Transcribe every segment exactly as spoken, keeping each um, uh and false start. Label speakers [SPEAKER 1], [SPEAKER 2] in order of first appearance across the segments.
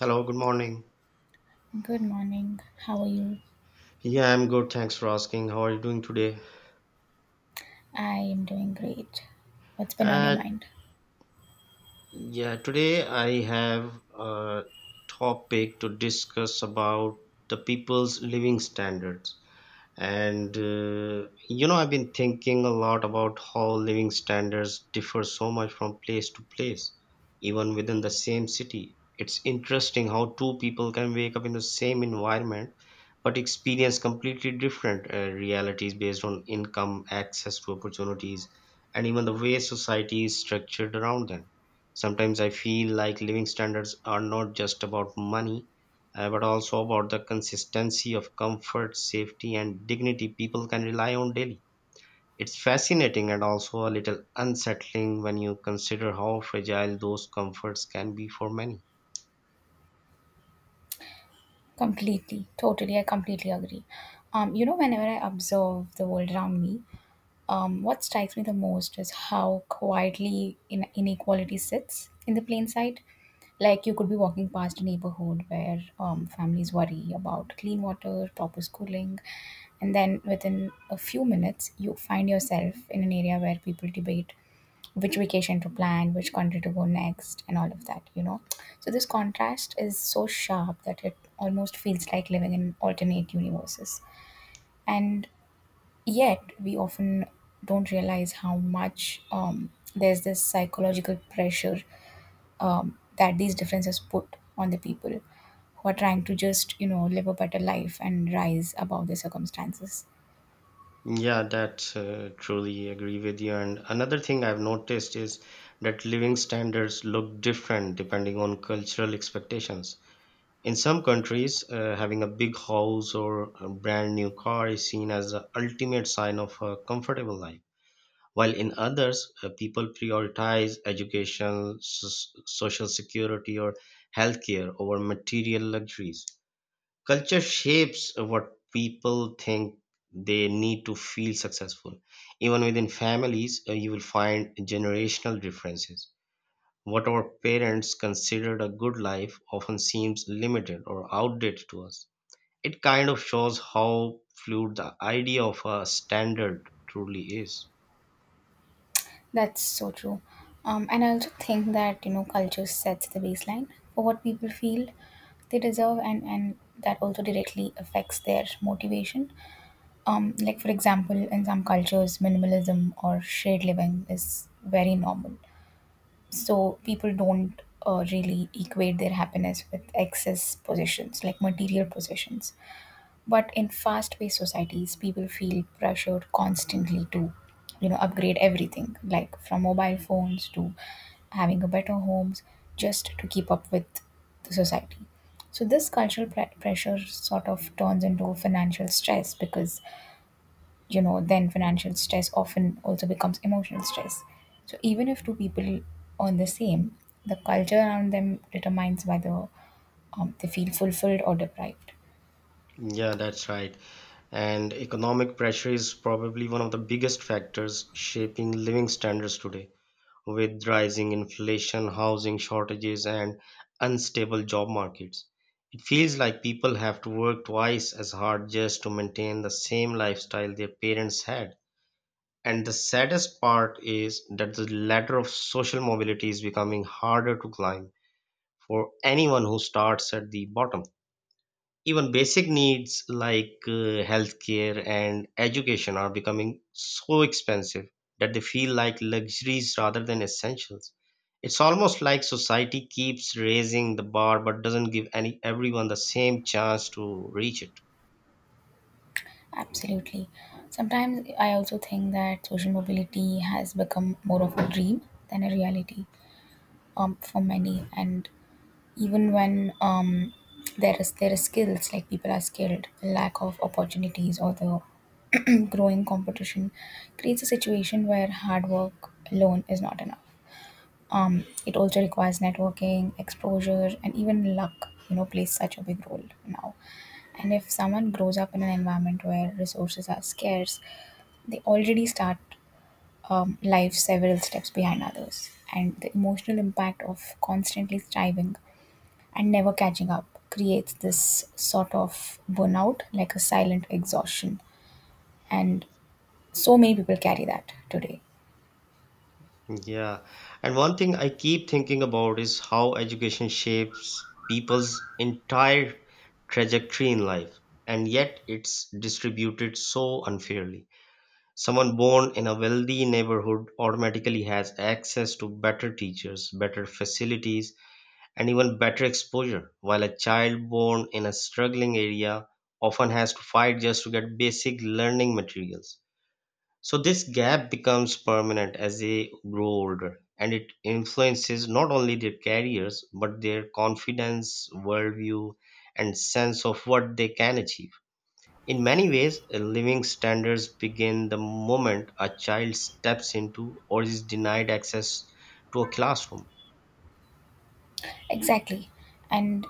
[SPEAKER 1] Hello, good morning.
[SPEAKER 2] Good morning. How are you?
[SPEAKER 1] Yeah, I'm good. Thanks for asking. How are you doing today?
[SPEAKER 2] I am doing great. What's been on your
[SPEAKER 1] Uh,
[SPEAKER 2] mind?
[SPEAKER 1] yeah, today I have a topic to discuss about the people's living standards. And uh, you know, I've been thinking a lot about how living standards differ so much from place to place, even within the same city. It's interesting how two people can wake up in the same environment but experience completely different uh, realities based on income, access to opportunities, and even the way society is structured around them. Sometimes I feel like living standards are not just about money uh, but also about the consistency of comfort, safety, and dignity people can rely on daily. It's fascinating and also a little unsettling when you consider how fragile those comforts can be for many.
[SPEAKER 2] Completely, totally, I completely agree. Um, you know, whenever I observe the world around me, Um, what strikes me the most is how quietly in- inequality sits in the plain sight. Like you could be walking past a neighborhood where um, families worry about clean water, proper schooling, and then within a few minutes, you find yourself in an area where people debate which vacation to plan, which country to go next, and all of that, you know. So this contrast is so sharp that it almost feels like living in alternate universes. And yet we often don't realize how much, um, there's this psychological pressure um, that these differences put on the people who are trying to just you know live a better life and rise above their circumstances.
[SPEAKER 1] Yeah, that uh, truly agree with you. And another thing I've noticed is that living standards look different depending on cultural expectations. In some countries, uh, having a big house or a brand new car is seen as the ultimate sign of a comfortable life, while in others, uh, people prioritize education, s- social security, or healthcare over material luxuries. Culture shapes what people think they need to feel successful. Even within families, uh, you will find generational differences. What our parents considered a good life often seems limited or outdated to us. It kind of shows how fluid the idea of a standard truly is.
[SPEAKER 2] That's so true. Um, and I also think that, you know, culture sets the baseline for what people feel they deserve, and and that also directly affects their motivation. Um, like for example, in some cultures, minimalism or shared living is very normal. So people don't uh, really equate their happiness with excess possessions, like material possessions. But in fast-paced societies, people feel pressured constantly to, you know, upgrade everything, like from mobile phones to having a better homes, just to keep up with the society. So this cultural pre- pressure sort of turns into financial stress, because you know then financial stress often also becomes emotional stress, so even if two people on the same, the culture around them determines whether um, they feel fulfilled or deprived.
[SPEAKER 1] Yeah, that's right. And economic pressure is probably one of the biggest factors shaping living standards today. With rising inflation, housing shortages, and unstable job markets, it feels like people have to work twice as hard just to maintain the same lifestyle their parents had. And the saddest part is that the ladder of social mobility is becoming harder to climb for anyone who starts at the bottom. Even basic needs like uh, healthcare and education are becoming so expensive that they feel like luxuries rather than essentials. It's almost like society keeps raising the bar but doesn't give any everyone the same chance to reach it.
[SPEAKER 2] Absolutely. Sometimes I also think that social mobility has become more of a dream than a reality um, for many. And even when um, there is there is skills, like people are skilled, lack of opportunities or the growing competition creates a situation where hard work alone is not enough. Um, it also requires networking, exposure, and even luck, you know, plays such a big role now. And if someone grows up in an environment where resources are scarce, they already start, um, life several steps behind others. And the emotional impact of constantly striving and never catching up creates this sort of burnout, like a silent exhaustion. And so many people carry that today.
[SPEAKER 1] Yeah. And one thing I keep thinking about is how education shapes people's entire trajectory in life, and yet it's distributed so unfairly. Someone born in a wealthy neighborhood automatically has access to better teachers, better facilities, and even better exposure, while a child born in a struggling area often has to fight just to get basic learning materials. So, this gap becomes permanent as they grow older, and it influences not only their careers but their confidence, worldview, and sense of what they can achieve. In many ways, living standards begin the moment a child steps into or is denied access to a classroom.
[SPEAKER 2] Exactly. And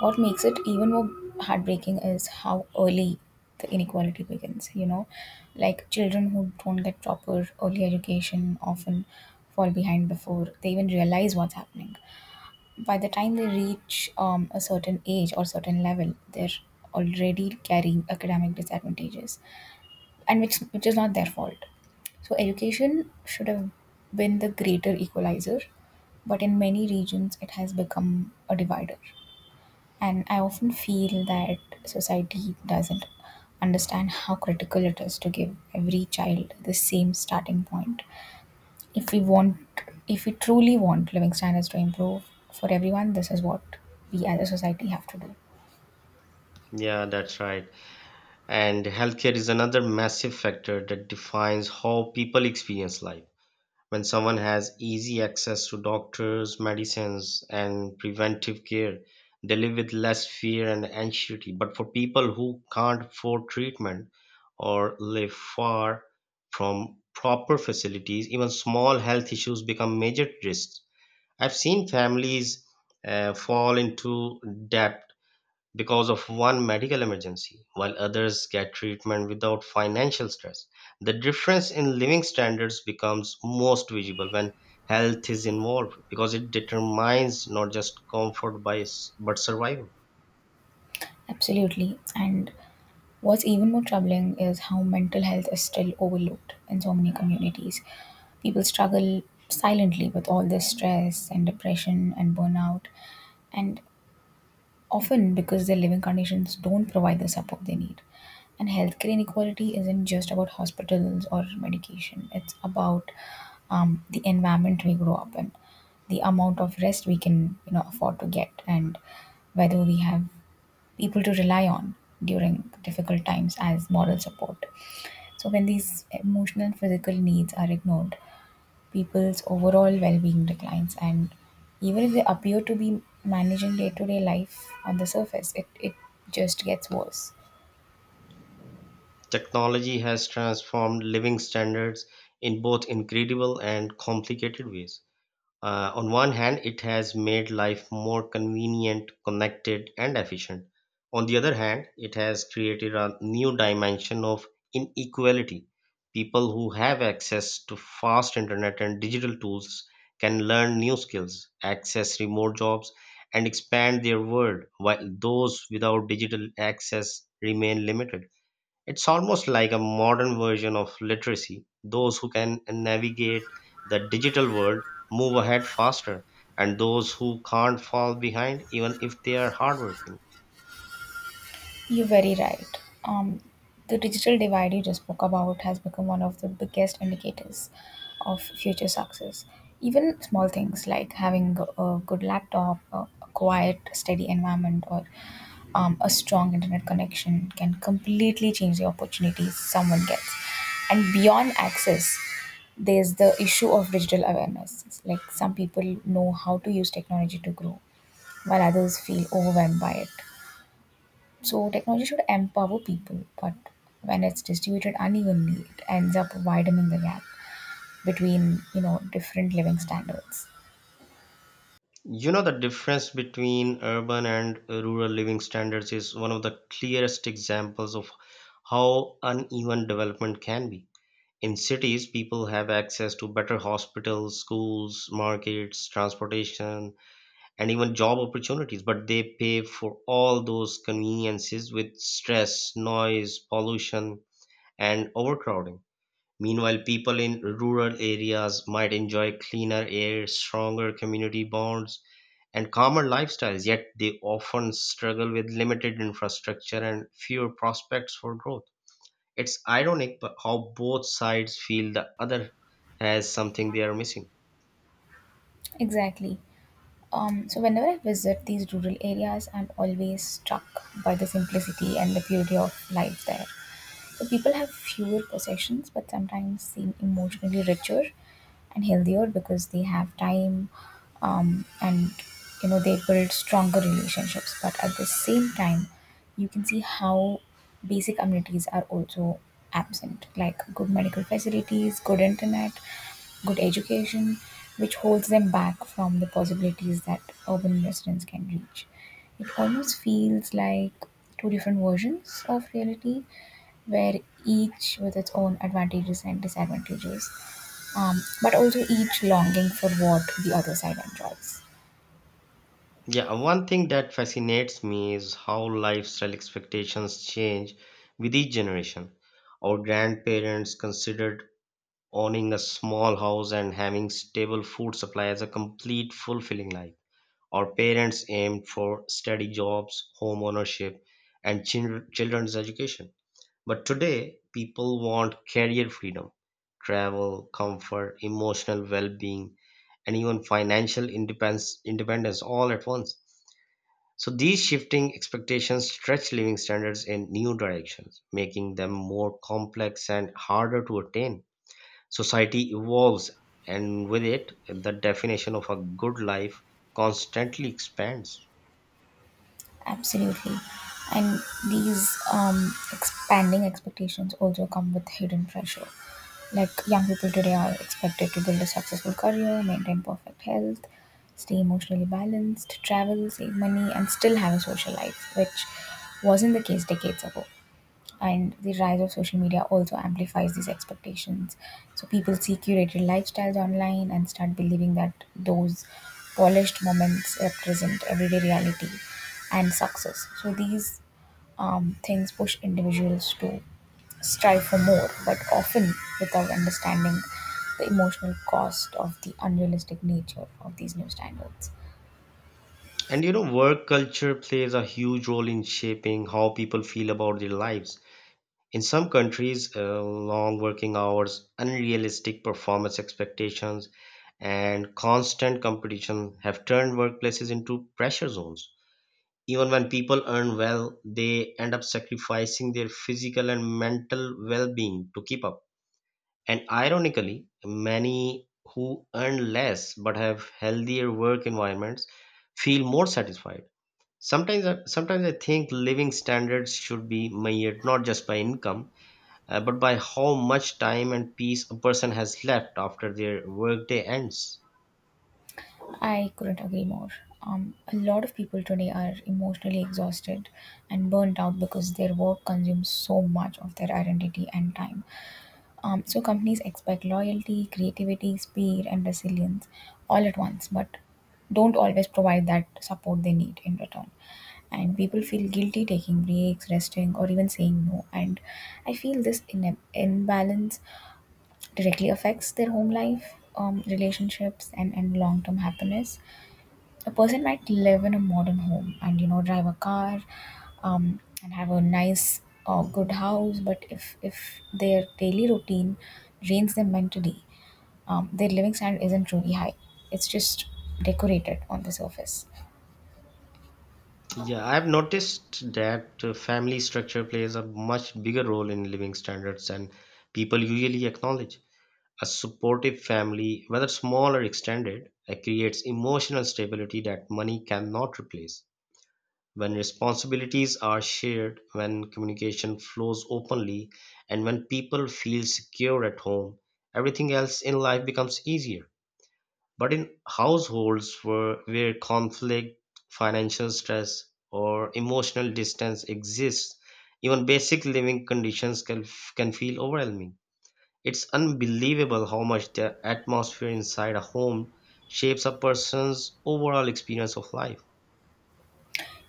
[SPEAKER 2] what makes it even more heartbreaking is how early the inequality begins, you know, like children who don't get proper early education often fall behind before they even realize what's happening. By the time they reach um, a certain age or certain level, they're already carrying academic disadvantages, and which which is not their fault. So education should have been the greater equalizer, but in many regions it has become a divider. And I often feel that society doesn't understand how critical it is to give every child the same starting point. If we want, if we truly want living standards to improve for everyone, this is what we as a society have to do.
[SPEAKER 1] Yeah, that's right. And healthcare is another massive factor that defines how people experience life. When someone has easy access to doctors, medicines, and preventive care, they live with less fear and anxiety. But for people who can't afford treatment or live far from proper facilities, even small health issues become major risks. I've seen families uh, fall into debt because of one medical emergency, while others get treatment without financial stress. The difference in living standards becomes most visible when health is involved, because it determines not just comfort by, s- but survival.
[SPEAKER 2] Absolutely. And what's even more troubling is how mental health is still overlooked in so many communities. People struggle silently with all this stress and depression and burnout, and often because their living conditions don't provide the support they need. And healthcare inequality isn't just about hospitals or medication, it's about, um, the environment we grow up in, the amount of rest we can, you know, afford to get, and whether we have people to rely on during difficult times as moral support. So when these emotional and physical needs are ignored, people's overall well being declines. And even if they appear to be managing day to day life on the surface, it, it just gets worse.
[SPEAKER 1] Technology has transformed living standards in both incredible and complicated ways. Uh, on one hand, it has made life more convenient, connected, and efficient. On the other hand, it has created a new dimension of inequality. People who have access to fast internet and digital tools can learn new skills, access remote jobs, and expand their world, while those without digital access remain limited. It's almost like a modern version of literacy. Those who can navigate the digital world move ahead faster, and those who can't fall behind, even if they are hardworking.
[SPEAKER 2] You're very right. Um, the digital divide you just spoke about has become one of the biggest indicators of future success. Even small things like having a good laptop, a a quiet, steady environment, or um, a strong internet connection can completely change the opportunities someone gets. And beyond access, there's the issue of digital awareness. It's like some people know how to use technology to grow, while others feel overwhelmed by it. So technology should empower people, but when it's distributed unevenly, it ends up widening the gap between, you know, different living standards.
[SPEAKER 1] You know, the difference between urban and rural living standards is one of the clearest examples of how uneven development can be. In cities, people have access to better hospitals, schools, markets, transportation, and even job opportunities, but they pay for all those conveniences with stress, noise, pollution, and overcrowding. Meanwhile, people in rural areas might enjoy cleaner air, stronger community bonds, and calmer lifestyles, yet they often struggle with limited infrastructure and fewer prospects for growth. It's ironic but how both sides feel the other has something they are missing.
[SPEAKER 2] Exactly. Um, so whenever I visit these rural areas, I'm always struck by the simplicity and the purity of life there. So people have fewer possessions, but sometimes seem emotionally richer and healthier because they have time, um, and you know they build stronger relationships. But at the same time, you can see how basic amenities are also absent, like good medical facilities, good internet, good education, which holds them back from the possibilities that urban residents can reach. It almost feels like two different versions of reality, where each with its own advantages and disadvantages, um, but also each longing for what the other side enjoys.
[SPEAKER 1] Yeah, one thing that fascinates me is how lifestyle expectations change with each generation. Our grandparents considered owning a small house and having stable food supply as a complete fulfilling life. Our parents aimed for steady jobs, home ownership, and chil- children's education. But today, people want career freedom, travel, comfort, emotional well being, and even financial independence, independence all at once. So these shifting expectations stretch living standards in new directions, making them more complex and harder to attain. Society evolves, and with it, the definition of a good life constantly expands.
[SPEAKER 2] Absolutely. And these um, expanding expectations also come with hidden pressure. Like young people today are expected to build a successful career, maintain perfect health, stay emotionally balanced, travel, save money, and still have a social life, which wasn't the case decades ago. And the rise of social media also amplifies these expectations, so people see curated lifestyles online and start believing that those polished moments represent everyday reality and success. So these um, things push individuals to strive for more, but often without understanding the emotional cost of the unrealistic nature of these new standards.
[SPEAKER 1] And you know, work culture plays a huge role in shaping how people feel about their lives. In some countries, uh, long working hours, unrealistic performance expectations, and constant competition have turned workplaces into pressure zones. Even when people earn well, they end up sacrificing their physical and mental well being to keep up. And ironically, many who earn less but have healthier work environments feel more satisfied. Sometimes, I- sometimes I think living standards should be measured not just by income, uh, but by how much time and peace a person has left after their workday ends.
[SPEAKER 2] I couldn't agree more. Um, a lot of people today are emotionally exhausted and burnt out because their work consumes so much of their identity and time. Um, so, companies expect loyalty, creativity, speed, and resilience all at once, but don't always provide that support they need in return. And people feel guilty taking breaks, resting, or even saying no. And I feel this in- imbalance directly affects their home life, um, relationships, and, and long term happiness. A person might live in a modern home and, you know, drive a car, um, and have a nice or good house, but if if their daily routine drains them mentally, um, their living standard isn't truly high, it's just decorated on the surface.
[SPEAKER 1] Yeah, I've noticed that uh, family structure plays a much bigger role in living standards than people usually acknowledge. A supportive family, whether small or extended, uh, creates emotional stability that money cannot replace. When responsibilities are shared, when communication flows openly, and when people feel secure at home, everything else in life becomes easier. But in households where, where conflict, financial stress, or emotional distance exists, even basic living conditions can, can feel overwhelming. It's unbelievable how much the atmosphere inside a home shapes a person's overall experience of life.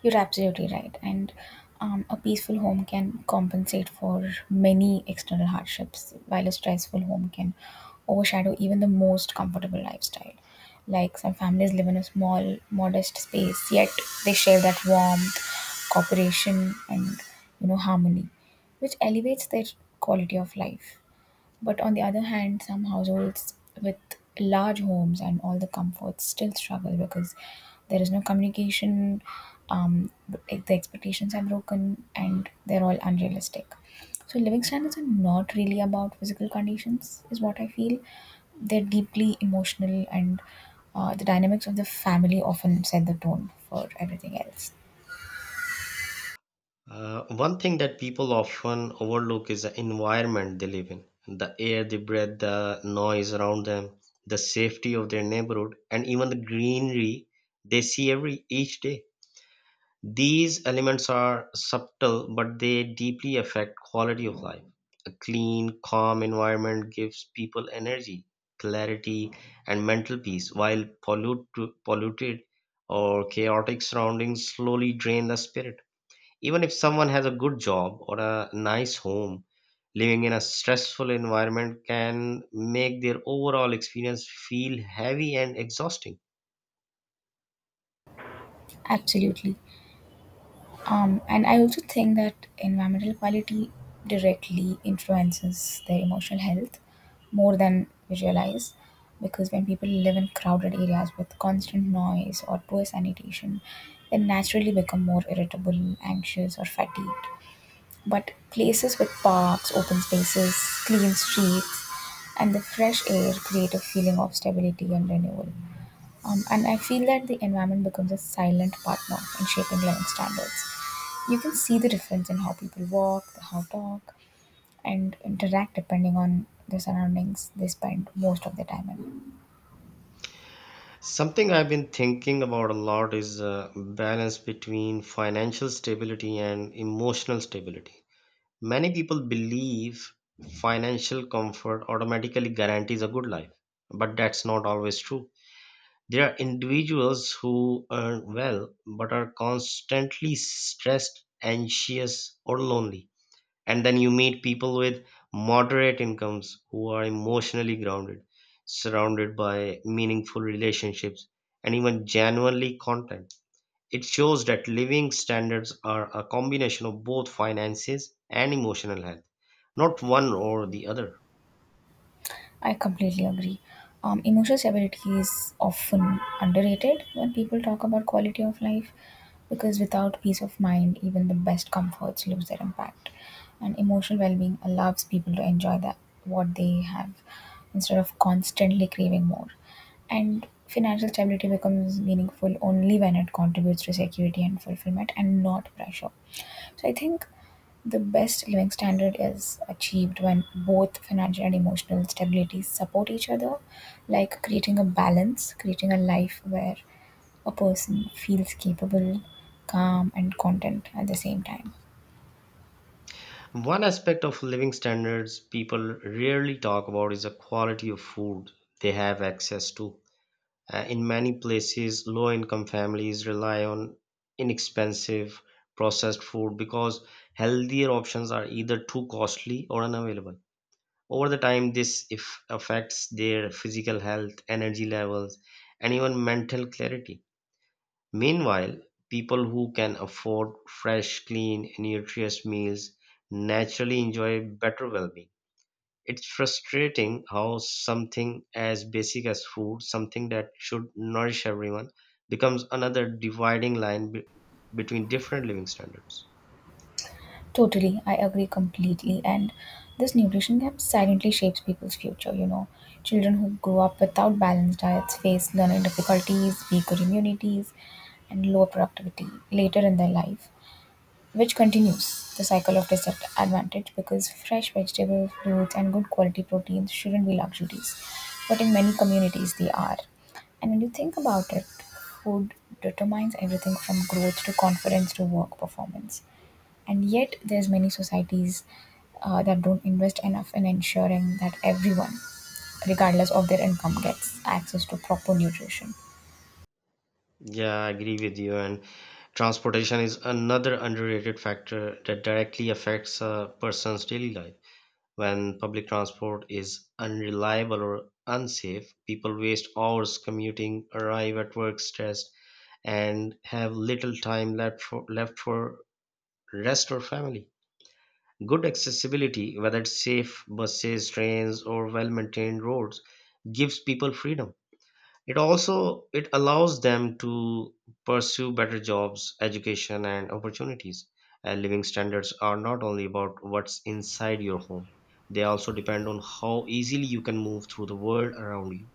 [SPEAKER 2] You're absolutely right. And um, a peaceful home can compensate for many external hardships, while a stressful home can overshadow even the most comfortable lifestyle. Like some families live in a small, modest space, yet they share that warmth, cooperation, and, you know, harmony, which elevates their quality of life. But on the other hand, some households with large homes and all the comforts still struggle because there is no communication, um, like the expectations are broken, and they're all unrealistic. So living standards are not really about physical conditions, is what I feel. They're deeply emotional, and uh, the dynamics of the family often set the tone for everything else.
[SPEAKER 1] Uh, one thing that people often overlook is the environment they live in, the air they breathe, the noise around them, the safety of their neighborhood, and even the greenery they see every each day. These elements are subtle, but they deeply affect quality of life. A clean, calm environment gives people energy, clarity, and mental peace, while pollute, polluted or chaotic surroundings slowly drain the spirit. Even if someone has a good job or a nice home, living in a stressful environment can make their overall experience feel heavy and exhausting.
[SPEAKER 2] Absolutely. Um, and I also think that environmental quality directly influences their emotional health more than we realize. Because when people live in crowded areas with constant noise or poor sanitation, they naturally become more irritable, anxious, or fatigued. But places with parks, open spaces, clean streets, and the fresh air create a feeling of stability and renewal. Um, and I feel that the environment becomes a silent partner in shaping living standards. You can see the difference in how people walk, how talk, and interact depending on the surroundings they spend most of their time in.
[SPEAKER 1] Something I've been thinking about a lot is uh, balance between financial stability and emotional stability. Many people believe financial comfort automatically guarantees a good life, but that's not always true. There are individuals who earn well but are constantly stressed, anxious, or lonely. And then you meet people with moderate incomes who are emotionally grounded, surrounded by meaningful relationships, and even genuinely content. It shows that living standards are a combination of both finances and emotional health, not one or the other.
[SPEAKER 2] I completely agree. Um, emotional stability is often underrated when people talk about quality of life, because without peace of mind, even the best comforts lose their impact. And emotional well being allows people to enjoy that, what they have, instead of constantly craving more. And financial stability becomes meaningful only when it contributes to security and fulfillment and not pressure. So I think the best living standard is achieved when both financial and emotional stability support each other, like creating a balance, creating a life where a person feels capable, calm, and content at the same time.
[SPEAKER 1] One aspect of living standards people rarely talk about is the quality of food they have access to. Uh, in many places, low income families rely on inexpensive processed food because healthier options are either too costly or unavailable. Over the time, this if affects their physical health, energy levels, and even mental clarity. Meanwhile, people who can afford fresh, clean, nutritious meals naturally enjoy better well-being. It's frustrating how something as basic as food, something that should nourish everyone, becomes another dividing line be- between different living standards.
[SPEAKER 2] Totally, I agree completely. And this nutrition gap silently shapes people's future. You know, children who grow up without balanced diets face learning difficulties, weaker immunities, and lower productivity later in their life, which continues the cycle of disadvantage, because fresh vegetable fruits and good quality proteins shouldn't be luxuries, but in many communities they are. And when you think about it, food determines everything from growth to confidence to work performance, and yet there's many societies, uh, that don't invest enough in ensuring that everyone, regardless of their income, gets access to proper nutrition.
[SPEAKER 1] Yeah, I agree with you. And transportation is another underrated factor that directly affects a person's daily life. When public transport is unreliable or unsafe, people waste hours commuting, arrive at work stressed, and have little time left for, left for rest or family. Good accessibility, whether it's safe buses, trains, or well maintained roads, gives people freedom. It also it allows them to pursue better jobs, education, and opportunities. And living standards are not only about what's inside your home, they also depend on how easily you can move through the world around you.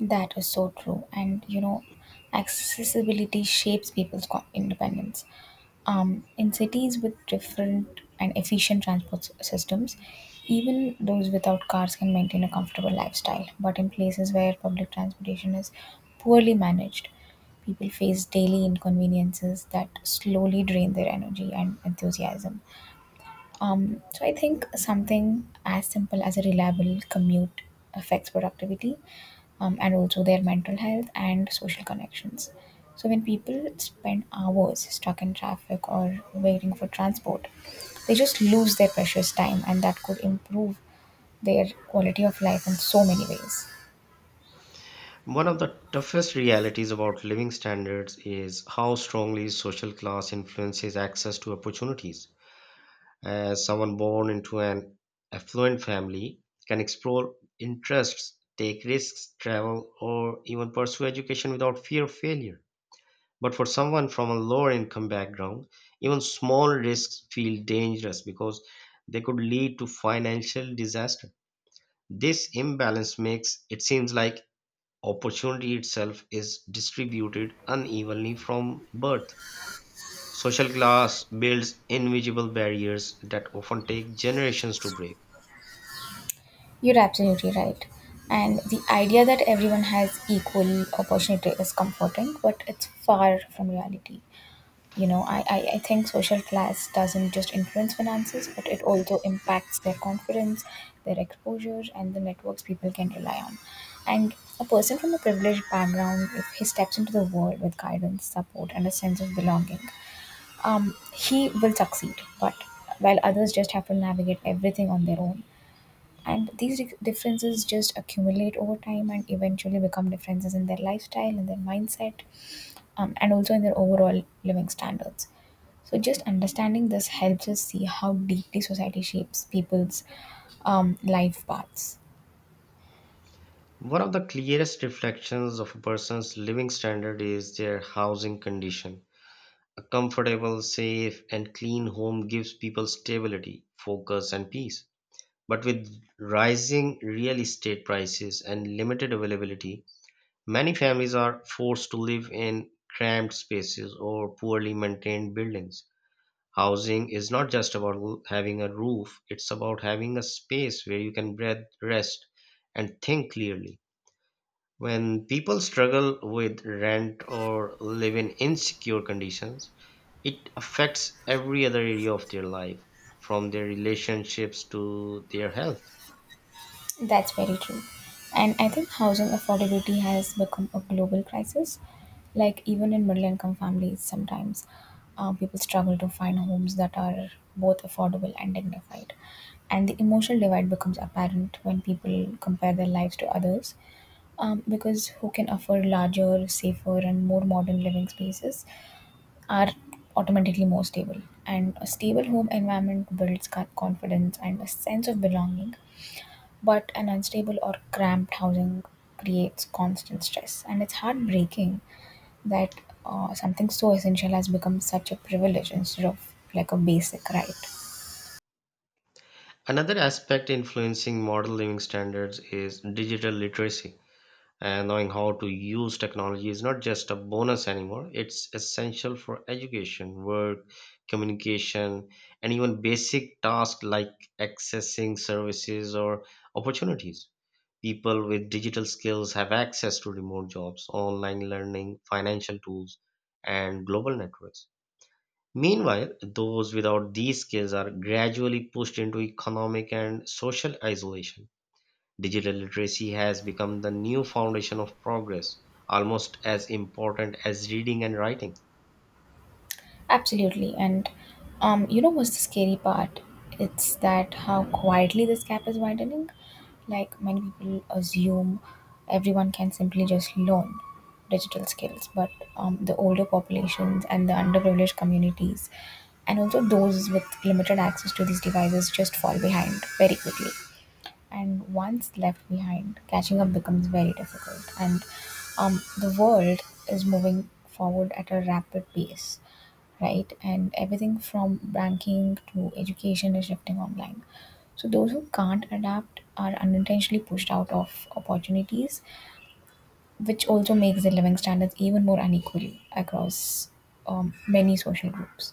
[SPEAKER 2] That is so true. And you know, accessibility shapes people's co- independence. Um, in cities with different and efficient transport s- systems, even those without cars can maintain a comfortable lifestyle. But in places where public transportation is poorly managed, people face daily inconveniences that slowly drain their energy and enthusiasm. Um, so I think something as simple as a reliable commute affects productivity um, and also their mental health and social connections. So when people spend hours stuck in traffic or waiting for transport, they just lose their precious time and that could improve their quality of life in so many ways.
[SPEAKER 1] One of the toughest realities about living standards is how strongly social class influences access to opportunities. As someone born into an affluent family can explore interests, take risks, travel, or even pursue education without fear of failure. But for someone from a lower income background, even small risks feel dangerous because they could lead to financial disaster. This imbalance makes it seems like opportunity itself is distributed unevenly from birth. Social class builds invisible barriers that often take generations to break.
[SPEAKER 2] You're absolutely right. And the idea that everyone has equal opportunity is comforting, but it's far from reality. You know, I, I, I think social class doesn't just influence finances, but it also impacts their confidence, their exposure, and the networks people can rely on. And a person from a privileged background, if he steps into the world with guidance, support, and a sense of belonging, um, he will succeed. But while others just have to navigate everything on their own, and these di- differences just accumulate over time and eventually become differences in their lifestyle, in their mindset, um, and also in their overall living standards. So just understanding this helps us see how deeply society shapes people's um, life paths.
[SPEAKER 1] One of the clearest reflections of a person's living standard is their housing condition. A comfortable, safe, and clean home gives people stability, focus, and peace. But with rising real estate prices and limited availability, many families are forced to live in cramped spaces or poorly maintained buildings. Housing is not just about l- having a roof, it's about having a space where you can breathe, rest, and think clearly. When people struggle with rent or live in insecure conditions, it affects every other area of their life, from their relationships to their health.
[SPEAKER 2] That's very true. And I think housing affordability has become a global crisis. Like, even in middle income families, sometimes uh, people struggle to find homes that are both affordable and dignified. And the emotional divide becomes apparent when people compare their lives to others. Um, because who can afford larger, safer, and more modern living spaces are automatically more stable. And a stable home environment builds co- confidence and a sense of belonging, but an unstable or cramped housing creates constant stress, and it's heartbreaking that uh, something so essential has become such a privilege instead of like a basic right.
[SPEAKER 1] Another aspect influencing modern living standards is digital literacy. And knowing how to use technology is not just a bonus anymore, it's essential for education, work, communication, and even basic tasks like accessing services or opportunities. People with digital skills have access to remote jobs, online learning, financial tools, and global networks. Meanwhile, those without these skills are gradually pushed into economic and social isolation. Digital literacy has become the new foundation of progress, almost as important as reading and writing.
[SPEAKER 2] Absolutely. And um, you know what's the scary part? It's that how quietly this gap is widening. Like, many people assume everyone can simply just learn digital skills, but um, the older populations and the underprivileged communities, and also those with limited access to these devices, just fall behind very quickly, and once left behind, catching up becomes very difficult. And um, the world is moving forward at a rapid pace, right? And everything from banking to education is shifting online. So those who can't adapt are unintentionally pushed out of opportunities, which also makes the living standards even more unequally across um, many social groups.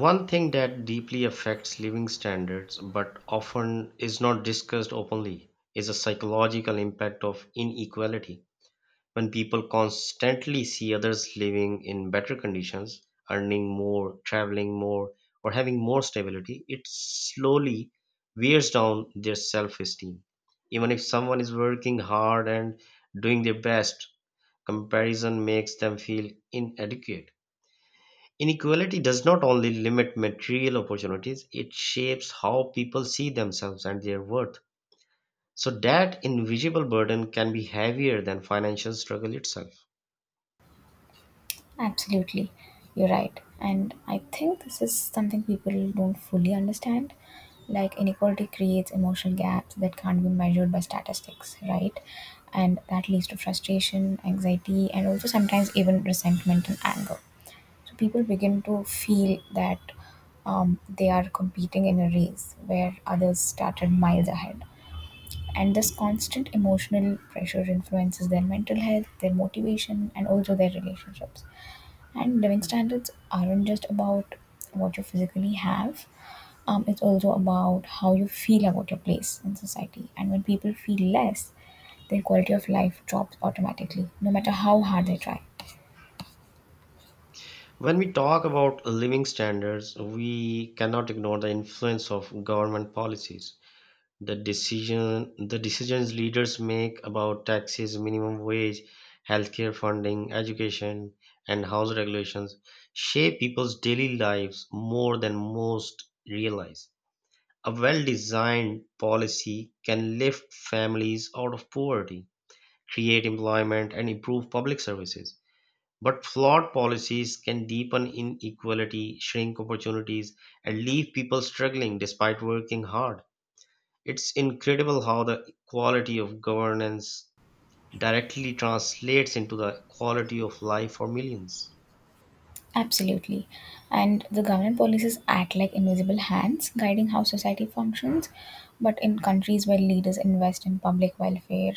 [SPEAKER 1] One thing that deeply affects living standards but often is not discussed openly is the psychological impact of inequality. When people constantly see others living in better conditions, earning more, traveling more, or having more stability, it slowly wears down their self esteem. Even if someone is working hard and doing their best, comparison makes them feel inadequate. Inequality does not only limit material opportunities, it shapes how people see themselves and their worth. So, that invisible burden can be heavier than financial struggle itself.
[SPEAKER 2] Absolutely, you're right. And I think this is something people don't fully understand. Like, inequality creates emotional gaps that can't be measured by statistics, right? And that leads to frustration, anxiety, and also sometimes even resentment and anger. So, people begin to feel that um, they are competing in a race where others started miles ahead. And this constant emotional pressure influences their mental health, their motivation, and also their relationships, and living standards aren't just about what you physically have. Um, it's also about how you feel about your place in society. And when people feel less, their quality of life drops automatically, no matter how hard they try.
[SPEAKER 1] When we talk about living standards, we cannot ignore the influence of government policies. The decision the decisions leaders make about taxes, minimum wage, healthcare funding, education, and house regulations shape people's daily lives more than most realize. A well-designed policy can lift families out of poverty, create employment, and improve public services, but flawed policies can deepen inequality, shrink opportunities, and leave people struggling despite working hard. It's incredible how the quality of governance directly translates into the quality of life for millions.
[SPEAKER 2] Absolutely. And the government policies act like invisible hands guiding how society functions. But in countries where leaders invest in public welfare,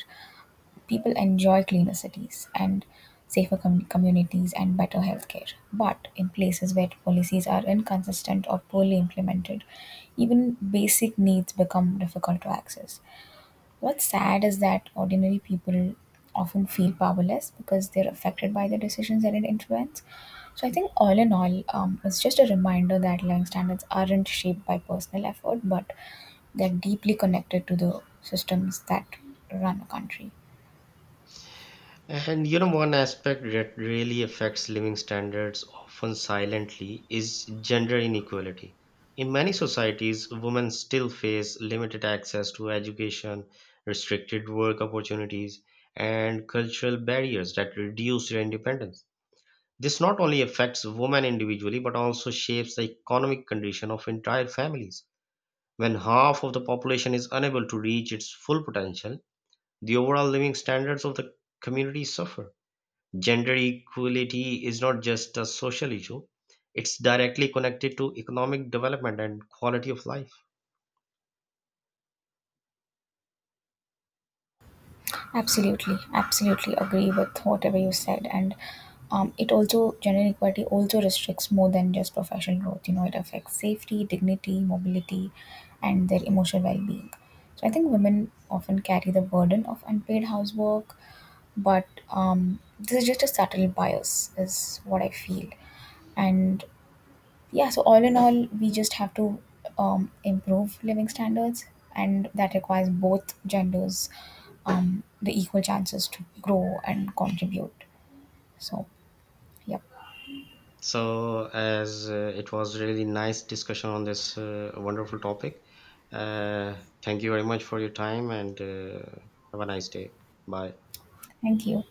[SPEAKER 2] people enjoy cleaner cities and safer com- communities and better healthcare. But in places where policies are inconsistent or poorly implemented, even basic needs become difficult to access. What's sad is that ordinary people often feel powerless because they're affected by the decisions that it influences. So I think all in all, um, it's just a reminder that living standards aren't shaped by personal effort, but they're deeply connected to the systems that run a country.
[SPEAKER 1] And you know, one aspect that really affects living standards, often silently, is gender inequality. In many societies, women still face limited access to education, restricted work opportunities, and cultural barriers that reduce their independence. This not only affects women individually, but also shapes the economic condition of entire families. When half of the population is unable to reach its full potential, the overall living standards of the community suffer. Gender equality is not just a social issue, it's directly connected to economic development and quality of life.
[SPEAKER 2] Absolutely, absolutely agree with whatever you said. And um, it also, gender inequality also restricts more than just professional growth. You know, it affects safety, dignity, mobility, and their emotional well being. So I think women often carry the burden of unpaid housework, but um, this is just a subtle bias, is what I feel. And yeah, so all in all, we just have to um, improve living standards, and that requires both genders um, the equal chances to grow and contribute. So, yep.
[SPEAKER 1] So, as uh, it was really nice discussion on this uh, wonderful topic, uh, thank you very much for your time and uh, have a nice day. Bye.
[SPEAKER 2] Thank you.